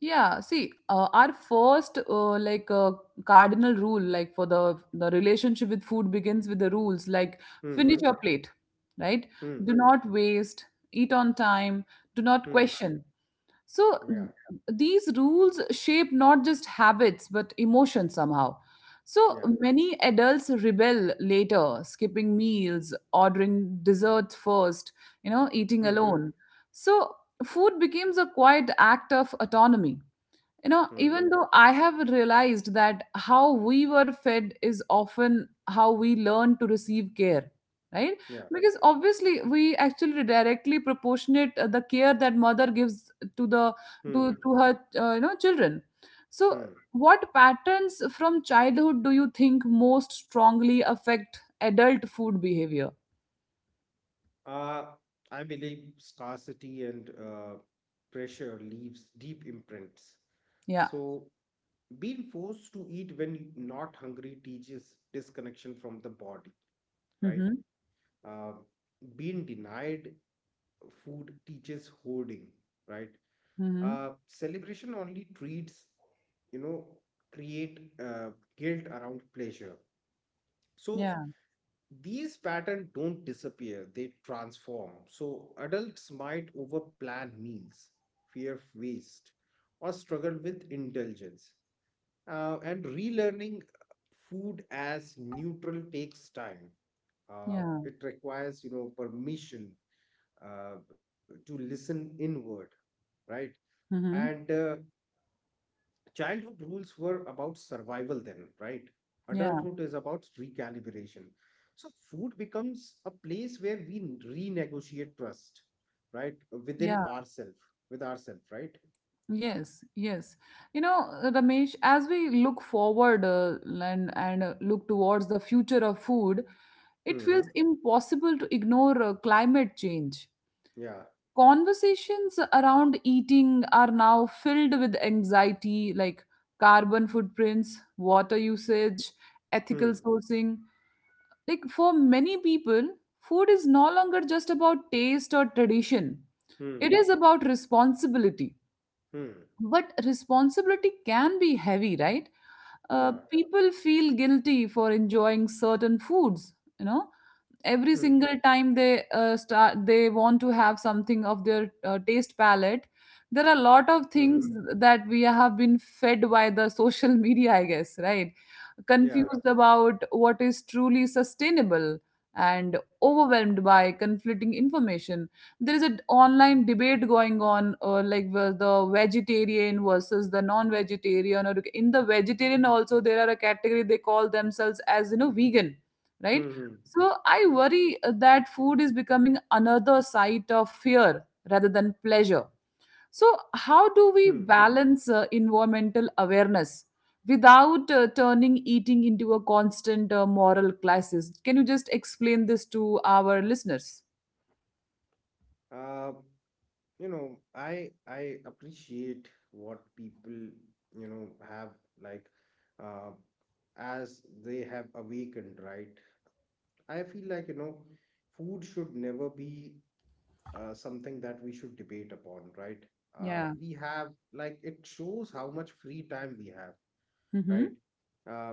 Yeah. See, our first cardinal rule, like for the relationship with food begins with the rules like finish Hmm. your plate, right? Hmm. Do not waste, eat on time, do not Hmm. question. So Yeah. th- these rules shape not just habits but emotions somehow. So Yeah. many adults rebel later, skipping meals, ordering desserts first, you know, eating Hmm. alone. So food becomes a quiet act of autonomy, you know, Hmm. even though I have realized that how we were fed is often how we learn to receive care, right? Yeah. Because obviously we actually directly proportionate the care that mother gives to the Hmm. to her you know children. So Hmm. what patterns from childhood do you think most strongly affect adult food behavior? Uh, I believe scarcity and pressure leaves deep imprints. Yeah. So being forced to eat when not hungry teaches disconnection from the body, right. Mm-hmm. uh, Being denied food teaches hoarding, right. Mm-hmm. Celebration only treats, you know create guilt around pleasure. So Yeah, these patterns don't disappear, they transform. So adults might overplan meals, fear waste, or struggle with indulgence. And relearning food as neutral takes time. Yeah. It requires, permission uh, to listen inward, right? And Mm-hmm. Childhood rules were about survival then, right? Yeah, Adulthood is about recalibration. So food becomes a place where we renegotiate trust, right? Within yeah. ourselves, with ourselves, right? Yes, yes. Ramesh, as we look forward and look towards the future of food, it feels Hmm. impossible to ignore climate change. Yeah. Conversations around eating are now filled with anxiety like carbon footprints, water usage, ethical Hmm. sourcing. Like for many people, food is no longer just about taste or tradition. Hmm. It is about responsibility, Hmm. but responsibility can be heavy, right? Yeah. People feel guilty for enjoying certain foods, you know. Every single time they start, they want to have something of their taste palette. There are a lot Mm-hmm. of things that we have been fed by the <laughs> social media, I guess, right? Yeah. Confused about what is truly sustainable and overwhelmed by conflicting information, there is an online debate going on, like where the vegetarian versus the non-vegetarian, or in the vegetarian also there are a category they call themselves as you know vegan, right? Mm-hmm. So I worry that food is becoming another site of fear rather than pleasure. So, how do we Hmm. balance environmental awareness without turning eating into a constant moral crisis? Can you just explain this to our listeners? Uh, you know, I appreciate what people, you know, have like uh as they have awakened, right? I feel like, you know, food should never be something that we should debate upon, right? Yeah. We have like it shows how much free time we have, right? Mm-hmm. Uh,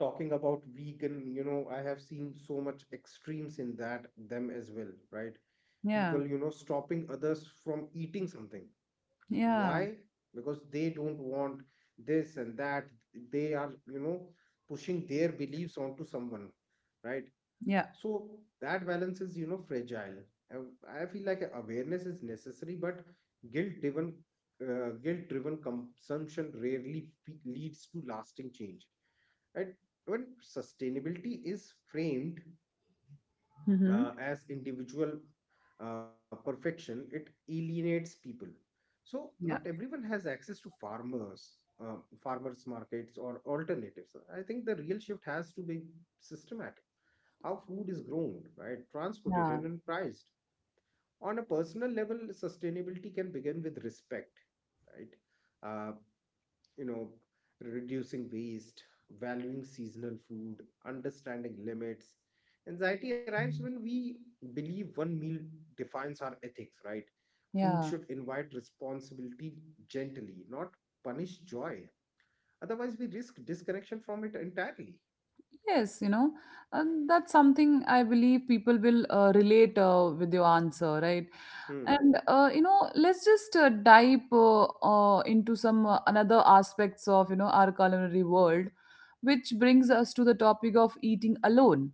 talking about vegan, you know, I have seen so much extremes in that them as well, right? Yeah. People, you know, stopping others from eating something. Yeah. Why? Because they don't want this and that. They are, you know, pushing their beliefs onto someone, right? Yeah. So that balance is, you know, fragile. And I feel like awareness is necessary, but guilt-driven, guilt-driven consumption rarely leads to lasting change, right? When sustainability is framed Mm-hmm. as individual perfection, it alienates people. So not Yeah. everyone has access to uh, farmers markets or alternatives. I think the real shift has to be systematic: how food is grown, right, transported Yeah, and priced. On a personal level, sustainability can begin with respect, right? Uh, you know, reducing waste, valuing seasonal food, understanding limits. Anxiety arrives when we believe one meal defines our ethics, right? Food yeah. should invite responsibility gently, not punish joy. Otherwise, we risk disconnection from it entirely. Yes, you know, and that's something I believe people will relate with your answer, right? Hmm. And you know, let's just dive into some another aspects of you know our culinary world, which brings us to the topic of eating alone.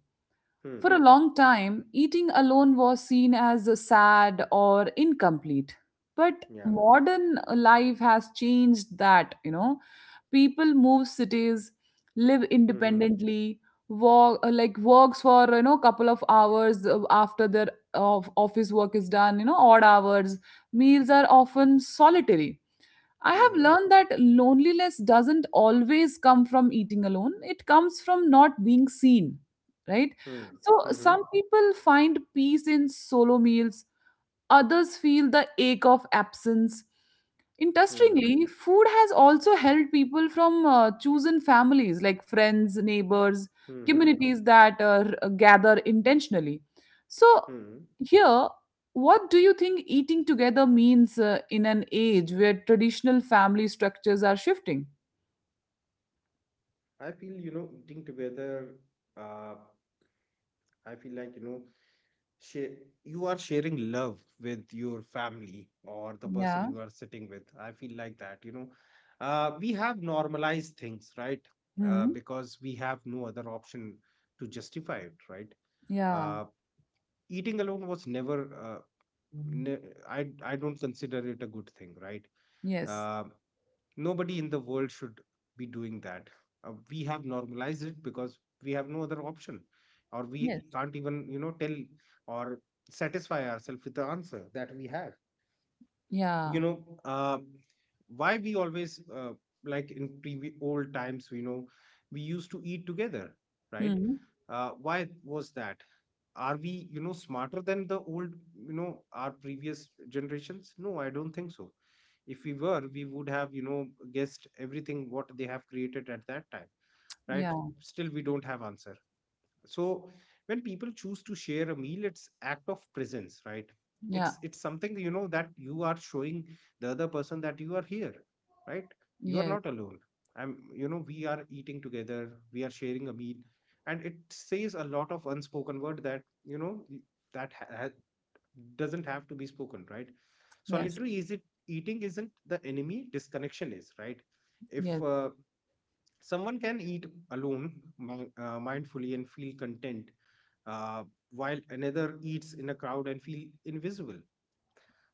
Hmm. For a long time, eating alone was seen as sad or incomplete, but Yeah. modern life has changed that. You know, people move cities, live Hmm. independently, work like works for you know couple of hours after their of office work is done, you know, odd hours. Meals are often solitary. I have Hmm. learned that loneliness doesn't always come from eating alone, it comes from not being seen, right? Hmm. So Hmm. some people find peace in solo meals, others feel the ache of absence. Hmm. Interestingly, food has also helped people from chosen families like friends, neighbors, Hmm. communities that gather intentionally. So, Hmm. here, what do you think eating together means in an age where traditional family structures are shifting? I feel, you know, eating together, uh, I feel like, you know, share, you are sharing love with your family or the person Yeah. you are sitting with. I feel like that, you know. We have normalized things, right? Hmm. Because we have no other option to justify it, right? Yeah. Uh, Eating alone was never, uh, ne- I, I don't consider it a good thing, right? Yes. Uh, nobody in the world should be doing that. We have normalized it because we have no other option, or we Yes. can't even, you know, tell or satisfy ourselves with the answer that we have, you Yeah. know. uh, why we always, like in previous old times, you know, we used to eat together, right? Hmm. Why was that? Are we, you know, smarter than the old, you know, our previous generations? No, I don't think so. If we were, we would have, you know, guessed everything what they have created at that time, right? Yeah. Still we don't have answer. So when people choose to share a meal, it's act of presence, right? Yeah. It's something, you know, that you are showing the other person that you are here, right? You are Yes. not alone. I'm, you know, we are eating together, we are sharing a meal. And it says a lot of unspoken word that, you know, that ha- ha- doesn't have to be spoken, right? Yes. Solitary is it, eating isn't the enemy, disconnection is, right? Yes. if Someone can eat alone mindfully and feel content, uh, while another eats in a crowd and feel invisible.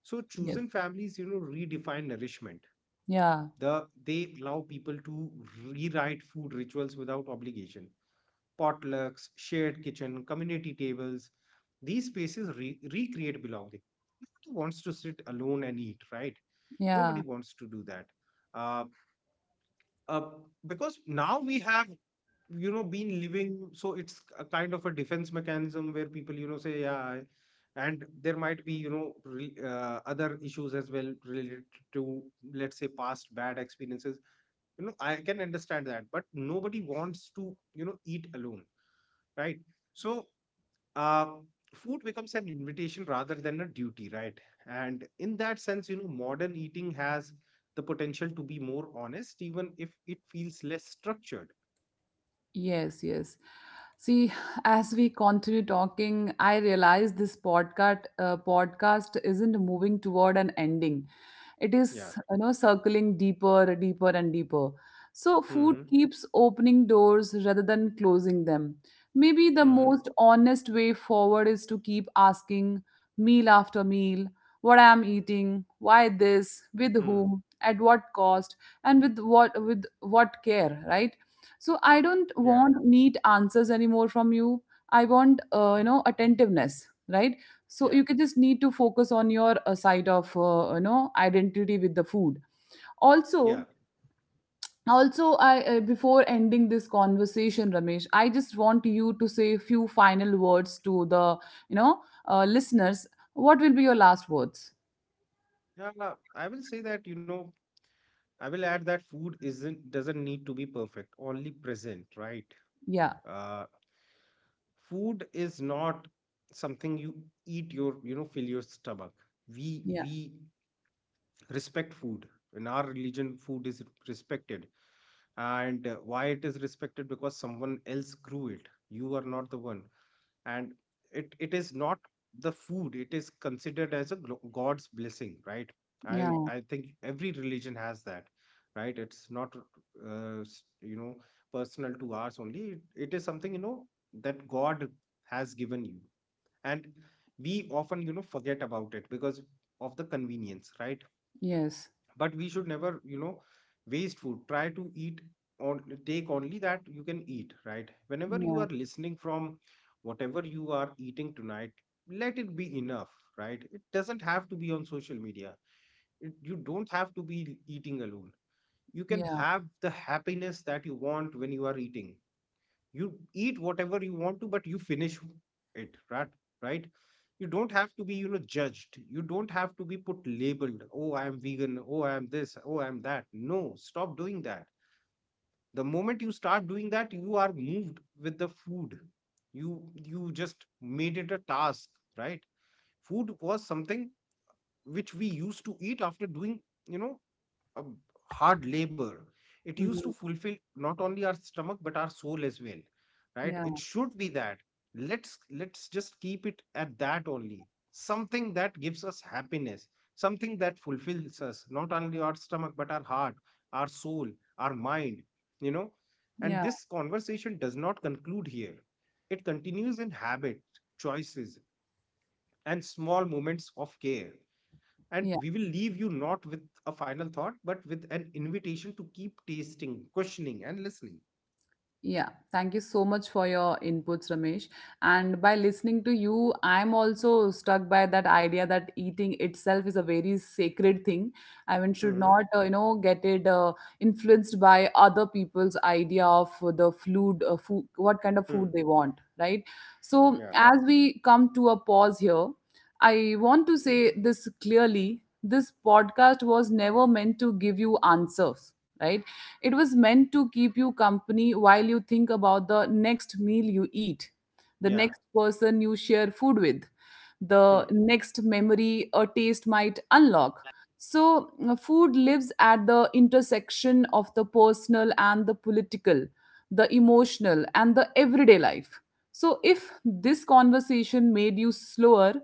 So Yes. chosen families, you know, redefine nourishment. Yeah. They allow people to rewrite food rituals without obligation. Potlucks, shared kitchen, community tables. These spaces recreate belonging. Nobody wants to sit alone and eat, right? Nobody Yeah. wants to do that. Uh, uh, because now we have, you know, been living, so it's a kind of a defense mechanism where people, you know, say, "Yeah, I-" and there might be, you know, other issues as well related to, let's say, past bad experiences, you know. I can understand that, but nobody wants to, you know, eat alone, right? So, uh, food becomes an invitation rather than a duty, right? And in that sense, you know, modern eating has the potential to be more honest even if it feels less structured. Yes, yes. See, as we continue talking, I realize this podcast isn't moving toward an ending. It Yeah. is, you know, circling deeper, deeper, and deeper. So food Hmm. keeps opening doors rather than closing them. Maybe the Mm-hmm. most honest way forward is to keep asking, meal after meal, what I am eating, why this, Mm. with whom, at what cost, and with what care, right? So I Yeah. don't want neat answers anymore from you. I want you know attentiveness, right? Yeah. So you can just need to focus on your side of you know identity with the food also. Yeah. Also I, before ending this conversation, Ramesh, I just want you to say a few final words to the, you know, listeners. What will be your last words? Yeah. I will say that, you know, I will add that food isn't doesn't need to be perfect, only present, right? Yeah. Uh, Food is not something you eat your, you know, fill your stomach. We Yeah. we respect food. In our religion, food is respected. And why it is respected? Because someone else grew it. You are not the one. And it is not the food, it is considered as a god's blessing, right? i Yeah. i think every religion has that, right? It's not you know, personal to ours only, it is something, you know, that god has given you. And we often, you know, forget about it because of the convenience, right? Yes. But we should never, you know, waste food, try to eat or take only that you can eat, right? Whenever you Yeah. are listening from, whatever you are eating tonight, let it be enough, right? It doesn't have to be on social media. It, you don't have to be eating alone. You can Yeah. have the happiness that you want when you are eating. You eat whatever you want to, but you finish it, right? Right. You don't have to be, you know, judged, you don't have to be put labeled, "Oh, I am vegan, oh, I am this, oh, I am that." No, stop doing that. The moment you start doing that, you are moved with the food, you just made it a task, right? Food was something which we used to eat after doing, you know, um, hard labor. It used to Mhm. fulfill not only our stomach but our soul as well, right? Yeah. It should be that. Let's just keep it at that only. Something that gives us happiness, something that fulfills us, not only our stomach but our heart, our soul, our mind, you know. And Yeah. this conversation does not conclude here. It continues in habit, choices, and small moments of care. And Yeah. we will leave you not with a final thought, but with an invitation to keep tasting, questioning, and listening. Yeah, thank you so much for your inputs, Ramesh. And by listening to you, I'm also struck by that idea that eating itself is a very sacred thing. I mean, should Hmm. not, you know, get it influenced by other people's idea of the food, what kind of Hmm. food they want, right? So, Yeah. as we come to a pause here, I want to say this clearly. This podcast was never meant to give you answers, right? It was meant to keep you company while you think about the next meal you eat, the Yeah. next person you share food with, the Hmm. next memory a taste might unlock. So, food lives at the intersection of the personal and the political, the emotional and the everyday life. So, if this conversation made you slower,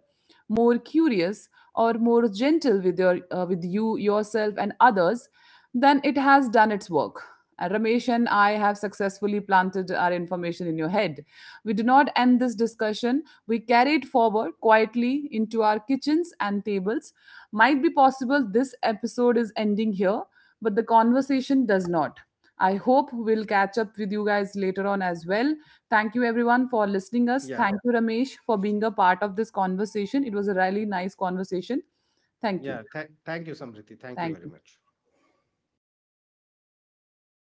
more curious, or more gentle with your with you yourself and others, then it has done its work. Ramesh and I have successfully planted our information in your head. We do not end this discussion. We carry it forward quietly into our kitchens and tables. Might be possible this episode is ending here, but the conversation does not. I hope we'll catch up with you guys later on as well. Thank you everyone for listening us. Yeah. Thank you Ramesh for being a part of this conversation. It was a really nice conversation. Thank you. Yeah. Thank you, Samriti. Thank you Thank very you. much.